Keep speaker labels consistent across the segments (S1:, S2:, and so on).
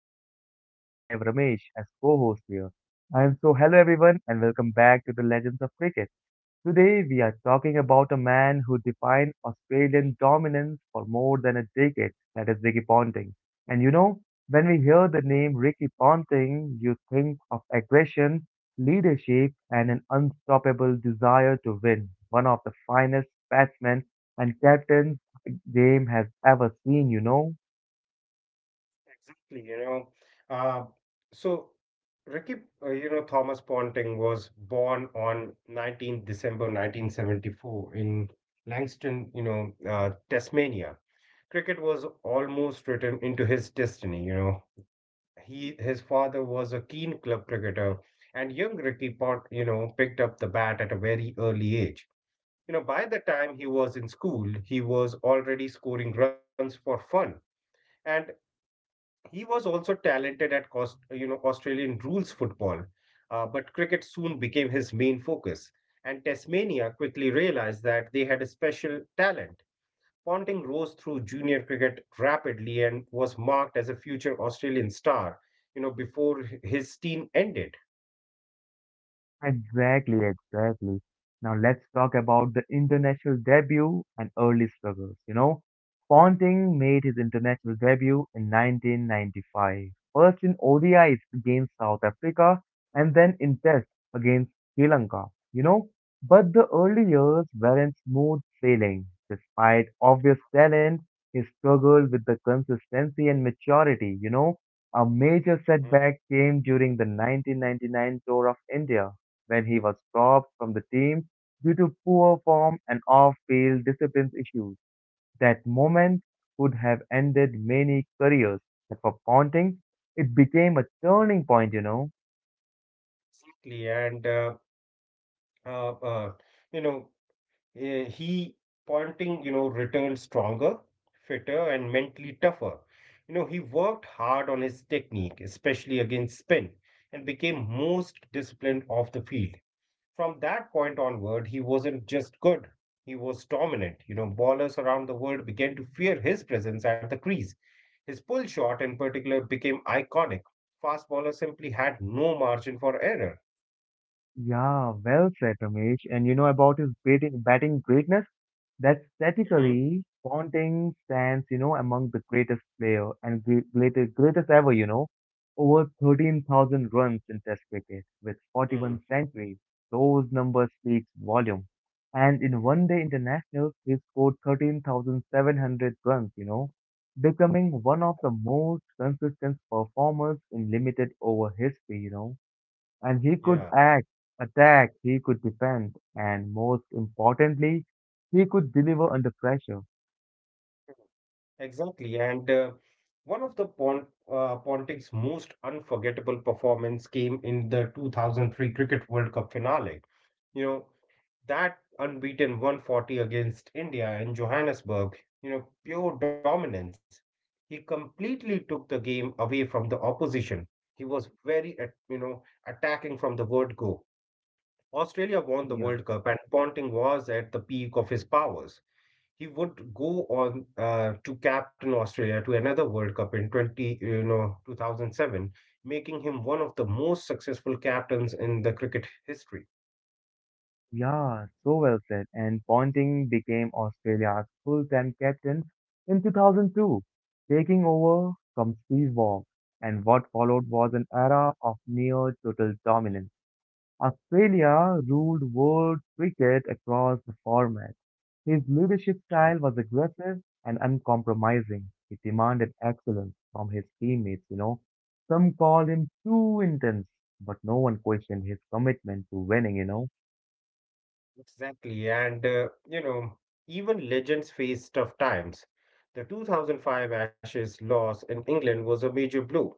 S1: your host, and we have Ramesh as co host here. And so, hello, everyone, and welcome back to the Legends of Cricket. Today, we are talking about a man who defined Australian dominance for more than a decade, that is Ricky Ponting. And you know, when we hear the name Ricky Ponting, you think of aggression, leadership, and an unstoppable desire to win, one of the finest batsmen and captains the game has ever seen, you know.
S2: Exactly, you know. Uh, so, Ricky, Thomas Ponting was born on 19th December 1974 in Langston, Tasmania. Cricket was almost written into his destiny, you know. His father was a keen club cricketer, and young Ricky Pont, you know, picked up the bat at a very early age. You know, by the time he was in school, he was already scoring runs for fun. And he was also talented at cost, you know, Australian rules football, but cricket soon became his main focus. And Tasmania quickly realized that they had a special talent. Ponting rose through junior cricket rapidly and was marked as a future Australian star, you know, before his team ended.
S1: Exactly, exactly. Now let's talk about the international debut and early struggles. You know, Ponting made his international debut in 1995, first in ODIs against South Africa and then in Tests against Sri Lanka. You know, but the early years weren't smooth sailing. Despite obvious talent, he struggled with the consistency and maturity. You know, a major
S2: Mhm.
S1: setback came during the 1999 tour of India when he was dropped from the team due to poor form and off-field discipline issues. That moment could have ended many careers, but for Ponting, it became a turning point, you know.
S2: Exactly, and uh, uh, you know. He pointing, you know, returned stronger, fitter, and mentally tougher. You know, he worked hard on his technique, especially against spin, and became most disciplined off the field. From that point onward, he wasn't just good, he was dominant. You know, ballers around the world began to fear his presence at the crease. His pull shot, in particular, became iconic. Fast ballers simply had no margin for error.
S1: Yeah, well said, Ramesh. And you know about his batting greatness? That
S2: Mhm.
S1: statically Ponting stands, you know, among the greatest player and greatest ever, you know, over 13,000 runs in Test cricket with 41
S2: Mhm.
S1: centuries. Those numbers speak volume. And in one day internationals, he scored 13,700 runs, you know, becoming one of the most consistent performers in limited over history, you know. And he could
S2: Yeah.
S1: attack, he could defend, and most importantly, he could deliver under pressure.
S2: Exactly, and one of the Pon Ponting's most unforgettable performance came in the 2003 Cricket World Cup finale. You know, that unbeaten 140 against India in Johannesburg, you know, pure dominance. He completely took the game away from the opposition. He was very, at- you know, Attacking from the word go. Australia won the
S1: Yeah,
S2: World Cup, and Ponting was at the peak of his powers. He would go on to captain Australia to another World Cup in 2007, making him one of the most successful captains in the cricket history.
S1: yeah, so well said. And Ponting became Australia's full-time captain in 2002, taking over from Steve Waugh. And what followed was an era of near total dominance. Australia ruled world cricket across the format. His leadership
S2: Mm.
S1: style was aggressive and uncompromising. He demanded excellence from his teammates, you know. Some called him too intense, but no one questioned his commitment to winning, you know.
S2: Exactly. Even legends face tough times. The 2005 Ashes loss in England was a major blow.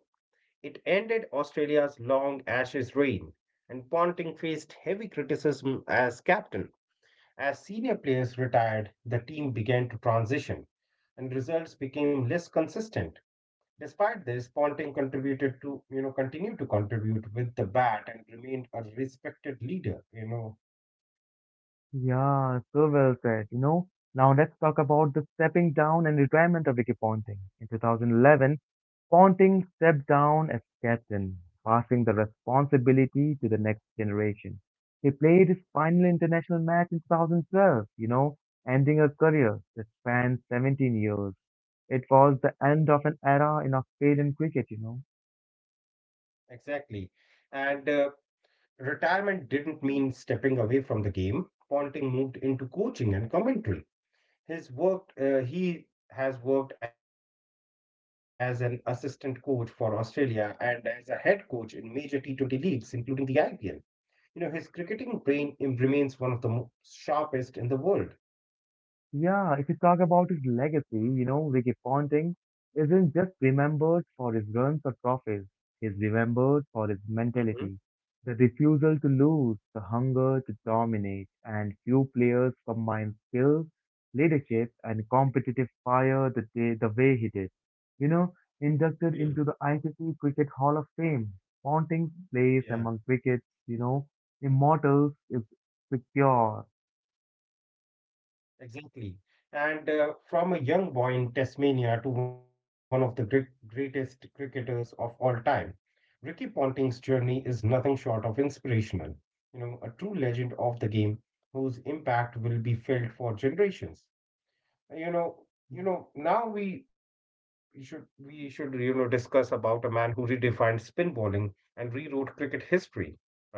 S2: It ended Australia's long Ashes reign, and Ponting faced heavy criticism as captain. As senior players retired, the team began to transition and results became less consistent. Despite this, Ponting contributed to, you know, continued to contribute with the bat and remained a respected leader, you know.
S1: Yeah, so well said. You know, now let's talk about the stepping down and retirement of Ricky Ponting. In 2011, Ponting stepped down as captain, passing the responsibility to the next generation. He played his final international match in 2012, you know, ending a career that spanned 17 years. It was the end of an era in Australian cricket, you know.
S2: Exactly. And Retirement didn't mean stepping away from the game. Ponting moved into coaching and commentary. He has worked as an assistant coach for Australia and as a head coach in major T20 leagues, including the IPL. You know, his cricketing remains one of the sharpest in the world.
S1: Yeah, if you talk about his legacy, you know, Ricky Ponting isn't just remembered for his runs or trophies. He's remembered for
S2: Hmm.
S1: his mentality, the refusal to lose, the hunger to dominate, and few players combine skill, leadership, and competitive fire the way he did. You know,
S2: Yeah.
S1: inducted into the ICC Cricket Hall of Fame, Ponting's
S2: Yeah.
S1: place among cricket's, you know, immortals is secure.
S2: Exactly. And From a young boy in Tasmania to one of the greatest cricketers of all time, Ricky Ponting's journey is nothing short of inspirational. You know, a true legend of the game whose impact will be felt for generations. you know you know, now we should you know discuss about a man who redefined spin bowling and rewrote cricket history, right?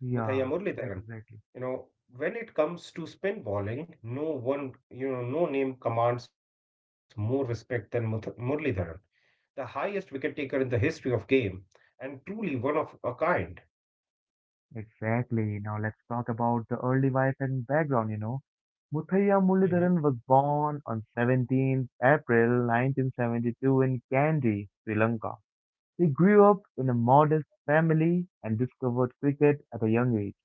S2: Muthaiya
S1: Yeah,
S2: Muralidharan.
S1: exactly.
S2: You know, when it comes to spin bowling, no one, you know, no name commands more respect than Muralidharan, the highest wicket taker in the history of game, and truly one of a kind.
S1: Exactly. Now let's talk about the early life and background, you know. Muthaiya
S2: Mhm.
S1: Muralidharan was born on April 17th 1972 in Kandy, Sri Lanka. He grew up in a modest family and discovered cricket at a young age.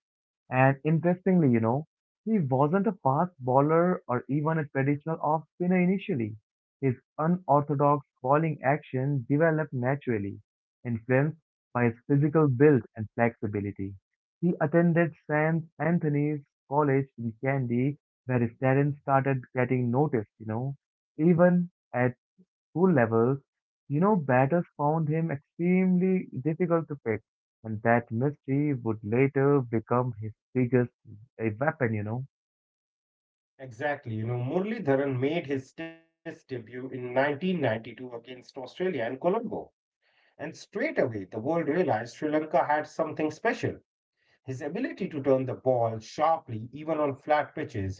S1: And interestingly, you know, he wasn't a fast bowler or even a traditional off spinner initially. His unorthodox bowling action developed naturally, influenced by his physical build and flexibility. He attended St. Anthony's College in Kandy, where his talent started getting noticed, you know. Even at school levels, you know, batters found him extremely difficult to pick, and that mystery would later become his biggest weapon, you know.
S2: Exactly. You know, Muralidharan made his test debut in 1992 against Australia in Colombo. And straight away, the world realized Sri Lanka had something special. His ability to turn the ball sharply, even on flat pitches,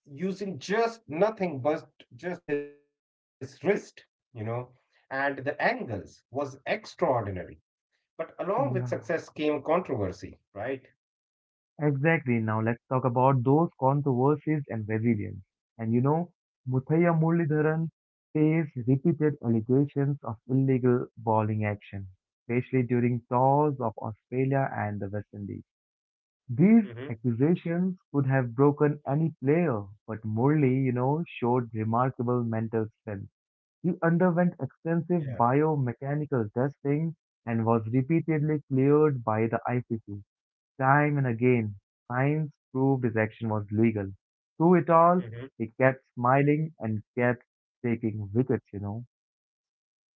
S2: using just nothing but just his wrist, you know, and the angles was extraordinary. But along with success
S1: Yeah,
S2: came controversy, right?
S1: exactly. Now let's talk about those controversies and resilience. And you know, Muthaiya Muralidharan faced repeated allegations of illegal bowling action, especially during tours of Australia and the West Indies.
S2: Mm-hmm.
S1: These accusations could have broken any player, but Morley, you know, showed remarkable mental strength. He underwent
S2: Yeah.
S1: extensive biomechanical testing and was repeatedly cleared by the ICC. Time and again, science proved his action was legal. Through it all,
S2: Mm-hmm.
S1: he kept smiling and kept taking wickets, you know.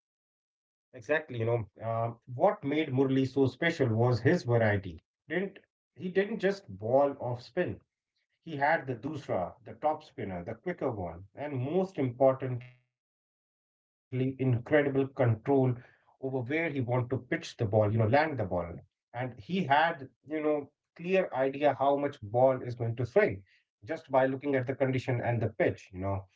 S2: Exactly. What made Murli so special was his variety. Didn't he didn't just ball off spin. He had the dusra, the top spinner, the quicker one, and most importantly, incredible control over where he wanted to pitch the ball, you know, land the ball. And he had, you know, clear idea how much ball is going to swing just by looking at the condition and the pitch, you know.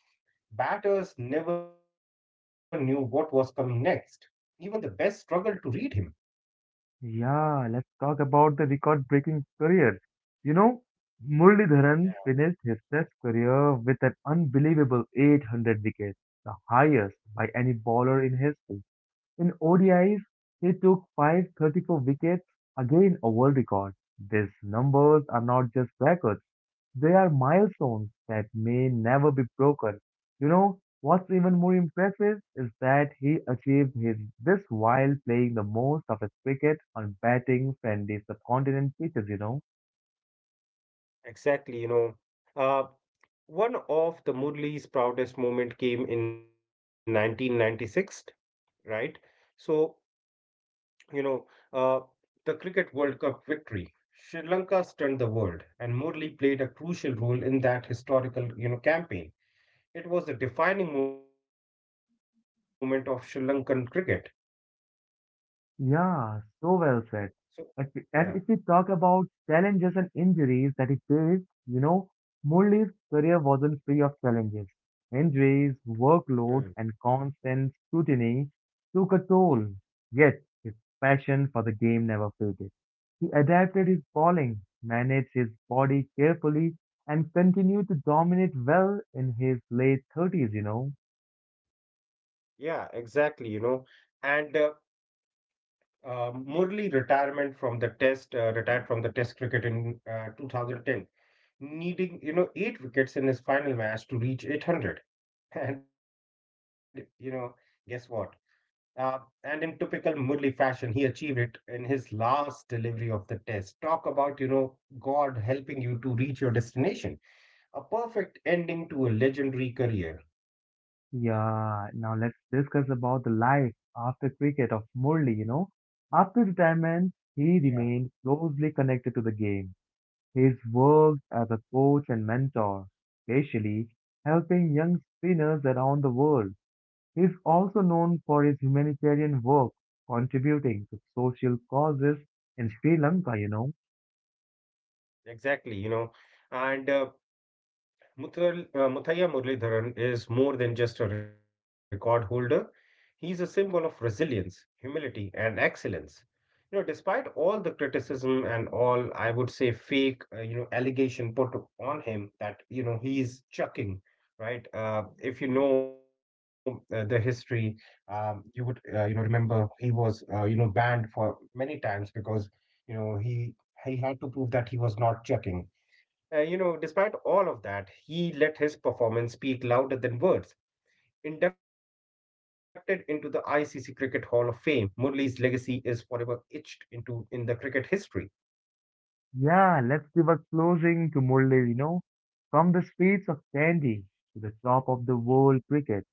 S2: Batters never knew what was coming next. Even the best struggled to read him.
S1: Yeah, let's talk about the record-breaking career. You know, Muralidharan finished his Test career with an unbelievable 800 wickets, the highest by any bowler in history. In ODIs, he took 534 wickets, again a world record. These numbers are not just records; they are milestones that may never be broken. You know, what's even more impressive is that he achieved his this while playing the most of his cricket on batting friendly subcontinent pitches, you know.
S2: Exactly, you know. Uh, One of the Murli's proudest moment came in 1996, right? So, you know, uh, the Cricket World Cup victory. Sri Lanka stunned the world, and Murli played a crucial role in that historical, you know, campaign. It was a defining moment of Sri Lankan cricket.
S1: Yeah,
S2: So,
S1: so well
S2: yeah.
S1: said. If we- And if we talk about challenges and injuries that he faced, you know, Murli's career wasn't free of challenges. Injuries,
S2: Mm.
S1: workload, and constant scrutiny took a toll. Yet, his passion for the game never faded. He adapted his bowling, managed his body carefully, and continued to dominate well in his late 30s, you know.
S2: Yeah, exactly, you know, and uh, uh, Murli retirement from the Test, retired from the Test cricket in 2010, needing, you know, eight wickets in his final match to reach 800. And, you know, guess what? Uh, and in typical Murli fashion, he achieved it in his last delivery of the test. Talk about, you know, God helping you to reach your destination. A perfect ending to a legendary career.
S1: Yeah, now let's discuss about the life after cricket of Murli, you know. After
S2: Yeah,
S1: retirement, he remained closely connected to the game. He's worked as a coach and mentor, especially helping young spinners around the world. He's also known for his humanitarian work, contributing to social causes in Sri Lanka, you know.
S2: exactly. You know, and Muthaiya Muralidharan is more than just a record holder, he's a symbol of resilience, humility, and excellence. You know, despite all the criticism and all, I would say, fake you know, allegation put on him that, you know, he's chucking, right? If you know the history, you would you know, remember he was you know, banned for many times because, you know, he had to prove that he was not chucking. You know, despite all of that, he let his performance speak louder than words. Inducted into the ICC Cricket Hall of Fame, Murley's legacy is forever etched into in the cricket history.
S1: Yeah, let's give a closing to Murli, you know. From the streets of Kandy to the top of the world cricket,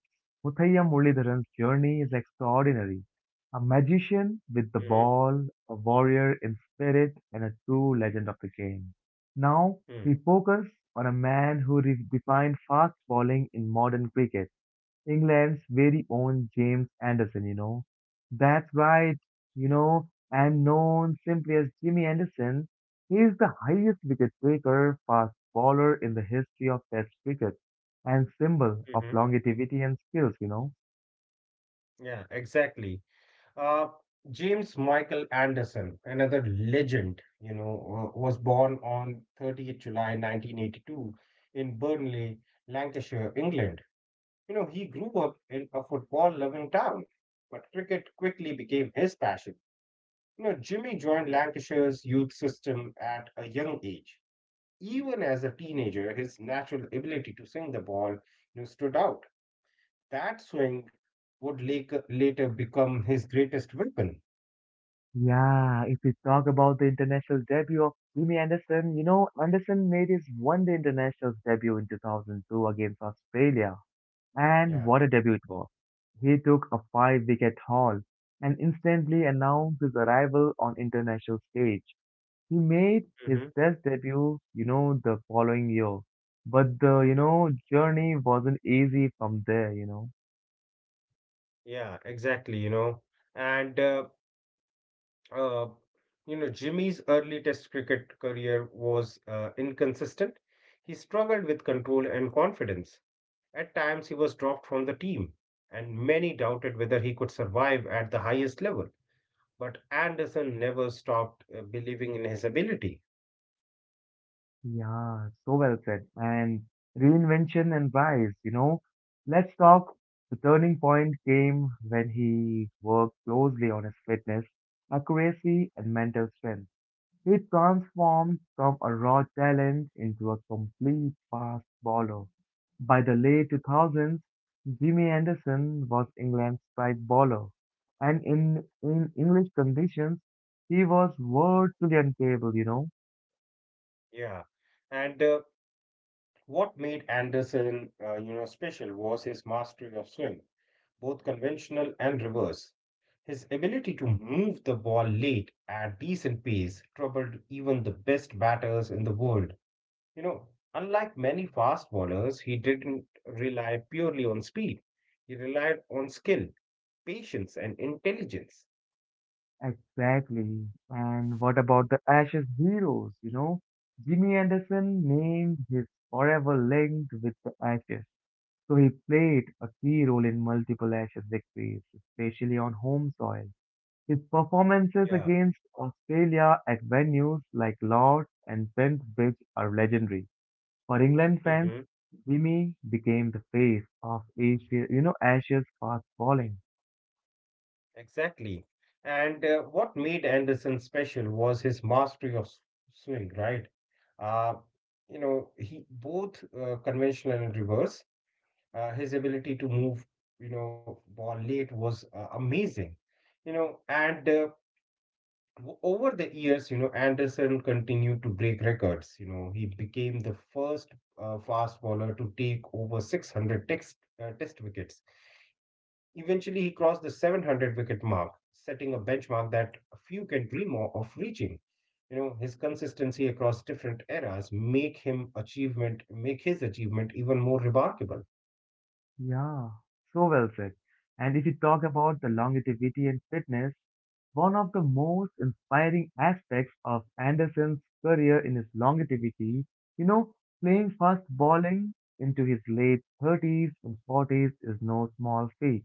S1: Muthaiya Muralidharan's journey is extraordinary. A magician with the ball, a warrior in spirit, and a true legend of the game. Now,
S2: Mm-hmm.
S1: we focus on a man who redefined fast bowling in modern cricket. England's very own James Anderson, you know. That's right, you know, and known simply as Jimmy Anderson, he is the highest wicket taker, fast bowler in the history of Test cricket and symbol of
S2: Hmm.
S1: longevity and skills, you know.
S2: Yeah, exactly. Uh, James Michael Anderson, another legend, was born on 30th July 1982 in Burnley, Lancashire, England. You know, he grew up in a football-loving town, but cricket quickly became his passion. You know, Jimmy joined Lancashire's youth system at a young age. Even as a teenager, his natural ability to swing the ball, you know, stood out. That swing would later become his greatest weapon.
S1: Yeah, if we talk about the international debut of Jimmy Anderson, you know, Anderson made his one day international debut in 2002 against Australia. And
S2: Yeah.
S1: what a debut it was. He took a five wicket haul and instantly announced his arrival on international stage. He made his
S2: Mm-hmm.
S1: test debut, you know, the following year. But the, you know, journey wasn't easy from there, you know.
S2: Yeah, exactly, you know. And uh, uh, Jimmy's early test cricket career was inconsistent. He struggled with control and confidence. At times he was dropped from the team, and many doubted whether he could survive at the highest level. But Anderson never stopped believing in his ability.
S1: Yeah, so well said. And reinvention and rise, you know. Let's talk. The turning point came when he worked closely on his fitness, accuracy, and mental strength. He transformed from a raw talent into a complete fast bowler. By the late 2000s, Jimmy Anderson was England's strike bowler, and in English conditions, he was virtually untable, you know.
S2: Yeah. And uh, what made Anderson, uh, you know, special was his mastery of swing, both conventional and reverse. His ability to move the ball late at decent pace troubled even the best batters in the world. You know, unlike many fast bowlers, he didn't rely purely on speed. He relied on skill, patience, and intelligence.
S1: Exactly. And what about the Ashes heroes, you know? Jimmy Anderson named his forever linked with the Ashes. So he played a key role in multiple Ashes victories, especially on home soil. His
S2: Yeah.
S1: performances against Australia at venues like Lord's and Bendirbridge are legendary. For England fans,
S2: Mhm.
S1: Vimy became the face of Asia, you know, Asia's fast bowling.
S2: Exactly. And What made Anderson special was his mastery of swing, right? Uh, you know, he Both conventional and reverse, his ability to move, you know, ball late was amazing. You know, over the years, you know, Anderson continued to break records. You know, he became the first fast bowler to take over 600 test wickets. Eventually, he crossed the 700 wicket mark, setting a benchmark that few can dream of reaching. You know, his consistency across different eras make his achievement even more remarkable.
S1: Yeah, so well said. And if you talk about the longevity and fitness, one of the most inspiring aspects of Anderson's career in his longevity, you know, playing fast bowling into his late 30s and 40s is no small feat.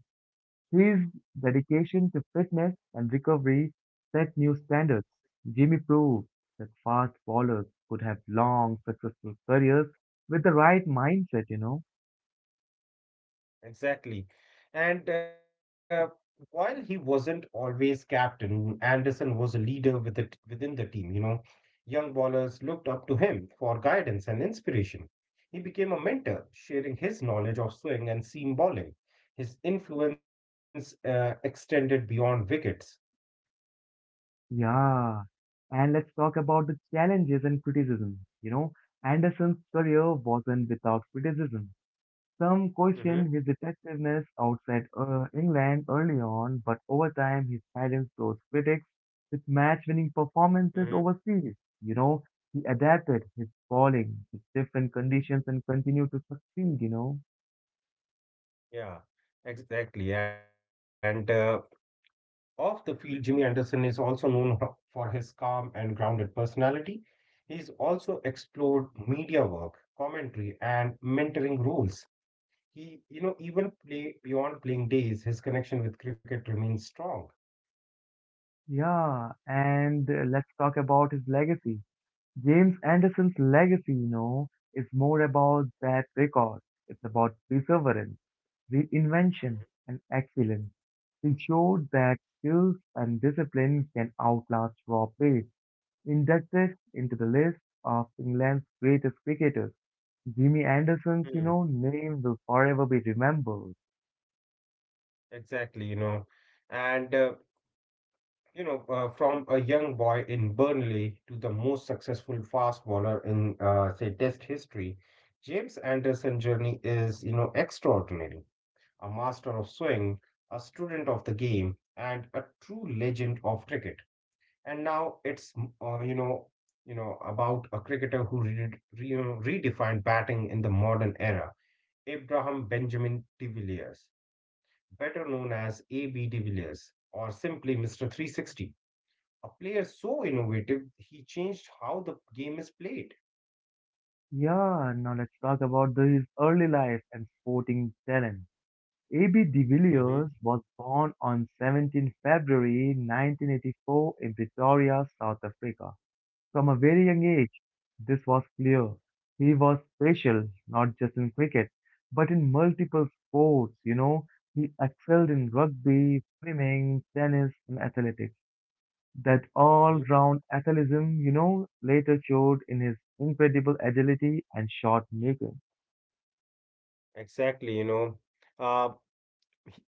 S1: His dedication to fitness and recovery set new standards. Jimmy proved that fast bowlers could have long, successful careers with the right mindset, you know.
S2: Exactly. And While he wasn't always captain, Anderson was a leader within the team, you know. Young ballers looked up to him for guidance and inspiration. He became a mentor, sharing his knowledge of swing and seam bowling. His influence extended beyond wickets.
S1: Yeah. And let's talk about the challenges and criticism. You know, Anderson's career wasn't without criticism. Some questioned his
S2: Mm-hmm.
S1: effectiveness outside England early on, but over time he silenced those critics with match-winning performances
S2: Mm-hmm.
S1: overseas. You know, he adapted his bowling to different conditions and continued to succeed, you know.
S2: Yeah, exactly. And Off the field, Jimmy Anderson is also known for his calm and grounded personality. He's also explored media work, commentary, and mentoring roles. He, you know, even play Beyond playing days, his connection with cricket remains strong.
S1: Yeah, and let's talk about his legacy. James Anderson's legacy, you know, is more about that record. It's about perseverance, reinvention, and excellence. He showed that skills and discipline can outlast raw pace. Inducted into the list of England's greatest cricketers, Jimmy Anderson's, you
S2: Hmm.
S1: know, name will forever be remembered.
S2: Exactly, you know. and uh, from a young boy in Burnley to the most successful fast bowler in, say, Test history, James Anderson's journey is, you know, extraordinary. A master of swing, a student of the game, and a true legend of cricket. And now it's uh, you know you know about a cricketer who redefined batting in the modern era, Abraham Benjamin de Villiers, better known as A.B. de Villiers, or simply Mr. 360. A player so innovative, he changed how the game is played.
S1: Yeah, now let's talk about the, his early life and sporting talent. A.B. de Villiers
S2: Hmm.
S1: was born on February 17th 1984 in Pretoria, South Africa. From a very young age, this was clear. He was special, not just in cricket, but in multiple sports, you know. He excelled in rugby, swimming, tennis, and athletics. That all round athleticism, you know, later showed in his incredible agility and shot making.
S2: Exactly, you know. Uh,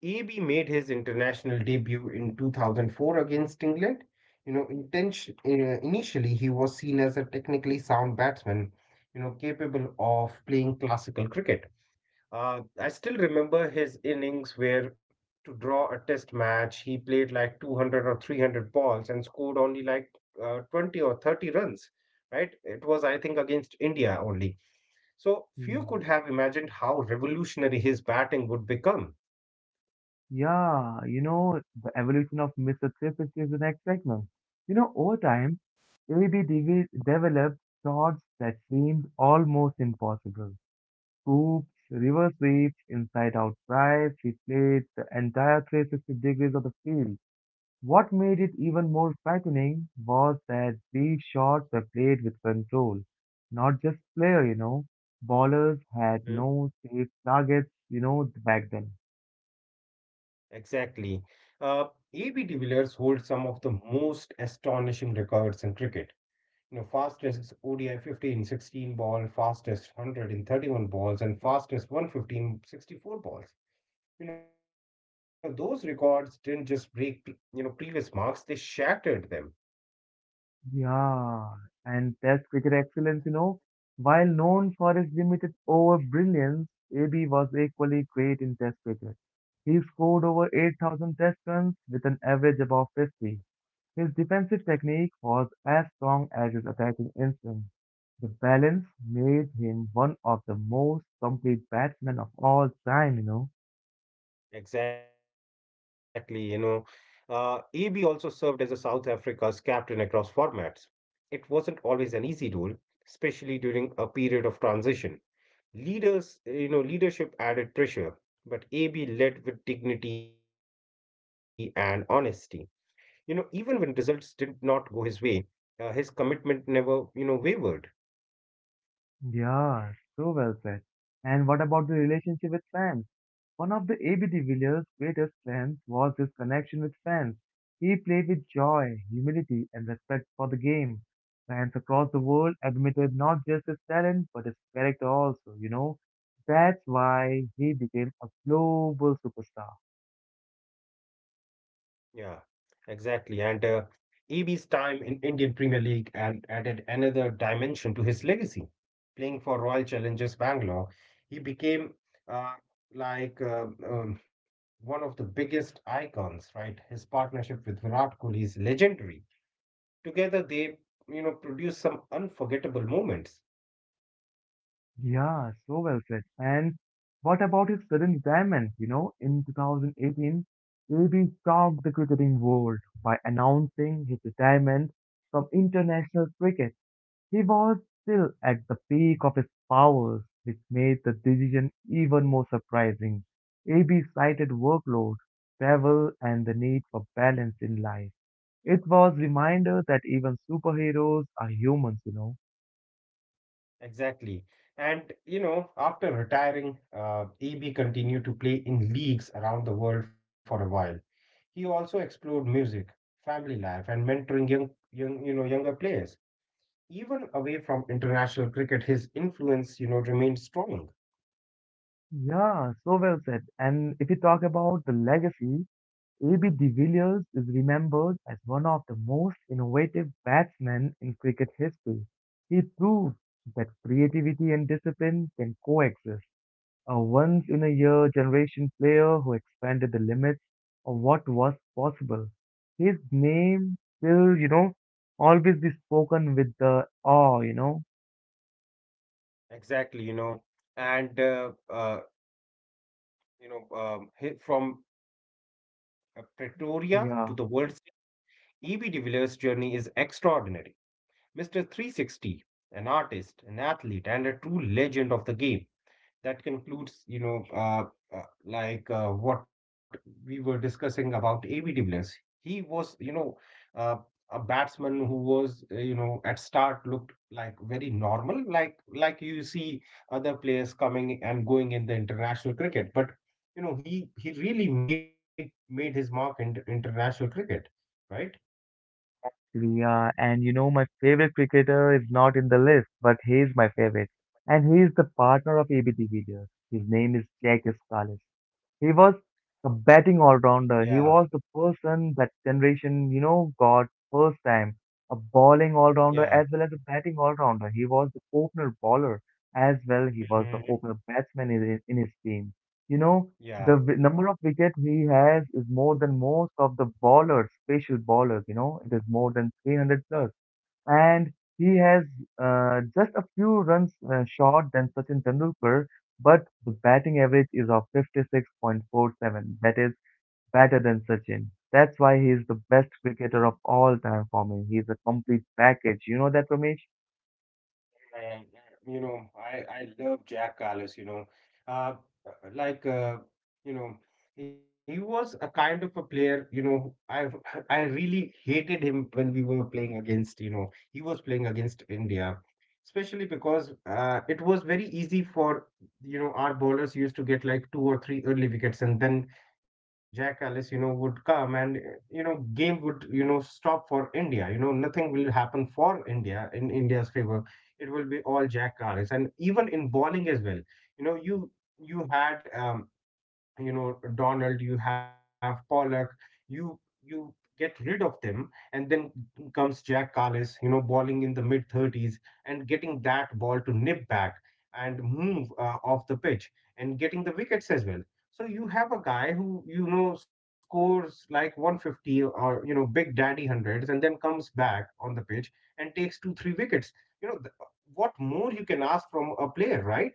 S2: AB made his international debut in 2004 against England. You know, initially he was seen as a technically sound batsman, you know, capable of playing classical cricket. I still remember his innings where, to draw a test match, he played like 200 or 300 balls and scored only like 20 or 30 runs, right? It was, I think, against India only, so
S1: Yeah.
S2: few could have imagined how revolutionary his batting would become.
S1: Yeah, you know, the evolution of Mr. Triple is an excitement. You know, over time, developed thoughts that seemed almost impossible. Scoops, reverse sweeps, inside out drives, he played the entire 360 degrees of the field. What made it even more frightening was that these shots were played with control, not just player, you know. Ballers had
S2: Mhm.
S1: no safe targets, you know, back then.
S2: Exactly. Uh, A.B. de Villiers holds some of the most astonishing records in cricket. Fastest ODI 50 in 16 ball, fastest 100 in 31 balls, and fastest 150 in 64 balls. Those records didn't just break previous marks. They shattered them.
S1: Yeah, and Test cricket excellence, you know, while known for his limited over brilliance, AB was equally great in Test cricket. He scored over 8,000 Test runs with an average above 50. His defensive technique was as strong as his attacking instinct. The balance made him one of the most complete batsmen of all time, you know.
S2: Exactly. AB also served as a South Africa's captain across formats. It wasn't always an easy role, especially during a period of transition. Leadership added pressure, but AB led with dignity and honesty. Even when results did not go his way, his commitment never wavered.
S1: Yeah, so well said. And what about the relationship with fans? One of the AB de Villiers' greatest strengths was his connection with fans. He played with joy, humility, and respect for the game. Fans across the world admitted not just his talent, but his character also, you know. That's why he became a global superstar.
S2: Yeah, exactly. And EB's time in Indian Premier League and added another dimension to his legacy. Playing for Royal Challengers Bangalore, he became uh, like uh, um, one of the biggest icons, right? His partnership with Virat Kohli is legendary. Together, they produced some unforgettable moments.
S1: Yeah, so well said. And what about his sudden retirement? You know, in 2018, AB shocked the cricketing world by announcing his retirement from international cricket. He was still at the peak of his powers, which made the decision even more surprising. AB cited workload, travel, and the need for balance in life. It was reminder that even superheroes are humans, you know.
S2: Exactly. And after retiring, EB continued to play in leagues around the world for a while. He also explored music, family life, and mentoring younger players. Even away from international cricket, his influence remained strong.
S1: Yeah, so well said. And if you talk about the legacy, A.B. de Villiers is remembered as one of the most innovative batsmen in cricket history. He proved that creativity and discipline can coexist. A once-in-a-year generation player who expanded the limits of what was possible. His name will, you know, always be spoken with the awe, you know.
S2: Exactly. and you know, he- from Pretoria to the
S1: Yeah.
S2: world stage, E.B. de Villiers' journey is extraordinary. Mr. 360, an artist, an athlete, and a true legend of the game. That concludes what we were discussing about A.B. de Villiers. He was, you know, uh, a batsman who was at start looked like very normal, like you see other players coming and going in the international cricket. But he really made his mark in international cricket, right?
S1: Yeah, and you know, my favorite cricketer is not in the list, but he is my favorite. And he is the partner of ABD de Villiers. His name is Jack Scalise. He was a batting
S2: Yeah,
S1: all-rounder. He was the person that generation, you know, got first time. A bowling
S2: yeah,
S1: all-rounder as well as a batting all-rounder. He was the opener bowler as well. He was the
S2: Mhm.
S1: opener batsman in his team. You know,
S2: Yeah.
S1: the number of wicket he has is more than most of the bowlers, special bowlers, you know, it is more than 300 plus. And he has just a few runs short than Sachin Tendulkar, but the batting average is of 56.47. That is better than Sachin. That's why he is the best cricketer of all time for me. He is a complete package. You know that, Ramesh?
S2: And I love Jack Carlos. Uh, like uh, you know, he was a kind of a player. I really hated him when we were playing against. He was playing against India, especially because it was very easy for our bowlers used to get like two or three early wickets. And then Jack Carlos would come and game would stop for India. Nothing will happen for India in India's favor. It will be all Jack Carlis. And even in bowling as well, you know, you you had Donald, you have Pollock, you get rid of them, and then comes Jack Carles balling in the mid 30s, and getting that ball to nip back and move off the pitch and getting the wickets as well. So you have a guy who scores like 150 or big daddy hundreds, and then comes back on the pitch and takes two three wickets. You know th- what more you can ask from a player, right?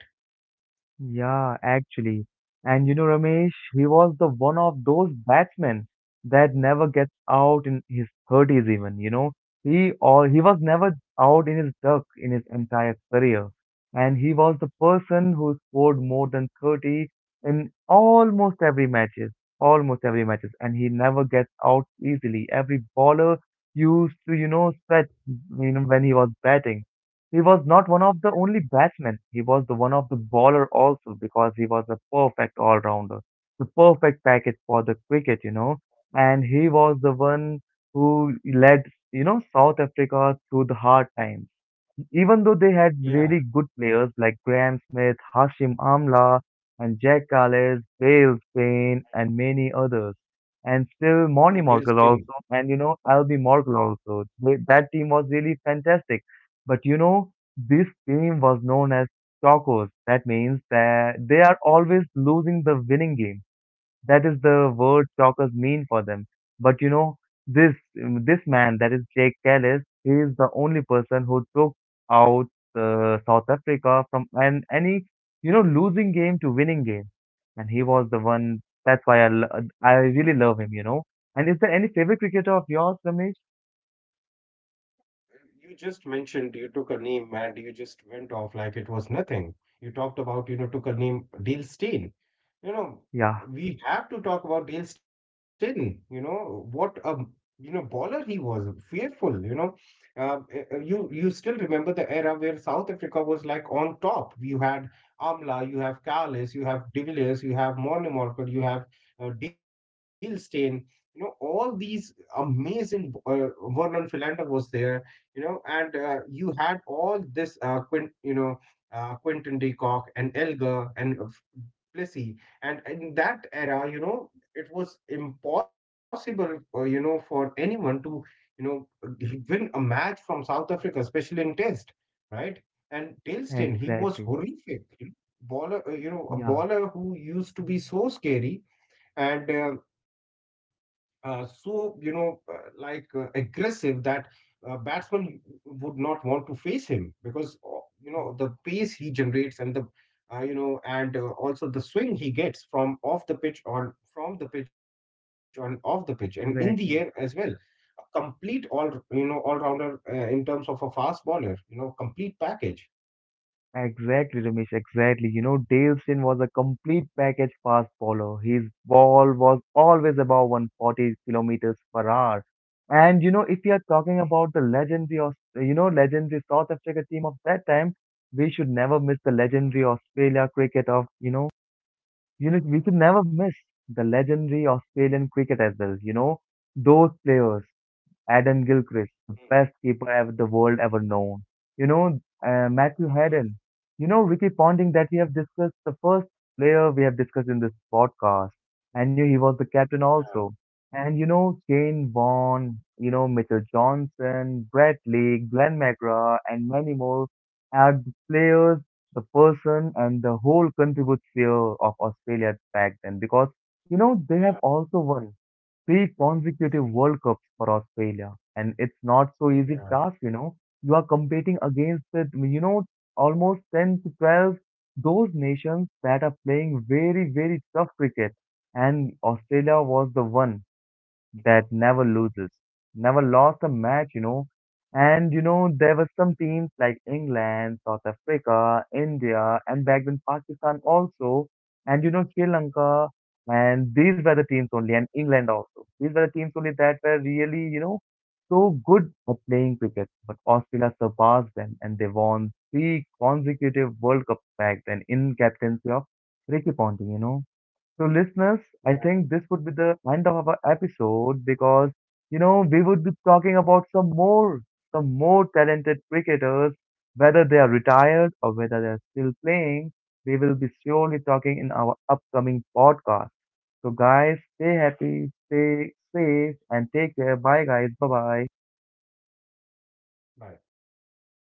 S1: Yeah, actually. And you know, Ramesh, he was the one of those batsmen that never gets out in his 30s even, you know. He or he was never out in his duck in his entire career. And he was the person who scored more than 30 in almost every matches, and he never gets out easily. Every bowler used to, you know, stretch, you know, when he was batting he was not one of the only batsmen. He was the one of the bowler also because he was a perfect all-rounder, the perfect package for the cricket, you know. And he was the one who led, you know, South Africa through the hard times. Even though they
S2: Yeah.
S1: had really good players like Graham Smith, Hashim Amla, and Jack Calais, Bale Spain, and many others. And
S2: Oh,
S1: still
S2: Dale
S1: Monty
S2: Steyn.
S1: Morkel also, and you know, Albie Morkel also. That team was really fantastic. But you know, this team was known as Chocos. That means that they are always losing the winning game. That is the word stalkers mean for them. But you know, this man, that is Jake Ellis, he is the only person who took out South Africa from an any, you know, losing game to winning game, and he was the one. That's why I really love him, you know. And is there any favorite cricketer of yours, Ramesh?
S2: You just mentioned you took a name and you just went off like it was nothing. You talked about, took a name, Deal Steen you know,
S1: Yeah,
S2: we have to talk about Dale Steyn. You know what a baller he was, fearful. Uh, you still remember the era where South Africa was like on top. You had Amla, you have Kalis, you have De Villiers, you have Morne Morker, you have Dale Steyn. You know all these amazing. Vernon Philander was there. You know, and you had all this. Quint, you know. Quinton de Kock and Elgar and Plessy, and in that era, it was impossible, for anyone to you know win a match from South Africa, especially in test, right? And tailston, he was
S1: exactly.
S2: horrific. You know, baller uh, you know a
S1: Yeah,
S2: baller who used to be so scary, and so aggressive, that batsman would not want to face him, because the pace he generates, and the you know and also the swing he gets from off the pitch on from the pitch on off the pitch and in the air as well.
S1: exactly.
S2: A complete all you know all rounder in terms of a fast bowler, complete package.
S1: Exactly, Ramesh, exactly. You know, Dalston was a complete package fast bowler. His ball was always above 140 kilometers per hour. And, you know, if you are talking about the legendary, you know, legendary South Africa team of that time, we should never miss the legendary Australia cricket of, you know, we should never miss the legendary Australian cricket as well. You know, those players. Adam
S2: Hmm.
S1: Gilchrist, the best keeper ever the world ever known. You know, Matthew Hayden. You know, Ricky Ponting that we have discussed, the first player we have discussed in this podcast. And you, he was the captain
S2: yeah
S1: also. And you know, Shane Vaughan, you know, Mitchell Johnson, Brett Lee, Glenn McGrath, and many more are the players, the person, and the whole contribute sphere of Australia back then because you know they have
S2: yeah
S1: also won three consecutive World Cups for Australia, and it's not so
S2: yeah
S1: easy task, you know. You are competing against the, you know, almost 10 to 12 those nations that are playing very, very tough cricket, and Australia
S2: Mhm.
S1: was the one that never loses, never lost a match, you know. And you know, there were some teams like England, South Africa, India, and back then Pakistan also, and you know, Sri Lanka, and these were the teams only, and England also. These were the teams only that were really, you know, so good at playing cricket. But Australia surpassed them, and they won three consecutive World Cups back then in captaincy of Ricky Ponting, you know. So, listeners,
S2: yeah
S1: I think this would be the end of our episode because, you know, we would be talking about some more talented cricketers, whether they are retired or whether they are still playing. We will be surely talking in our upcoming podcast. So, guys, stay happy, stay safe, and take care. Bye, guys. Bye bye.
S2: bye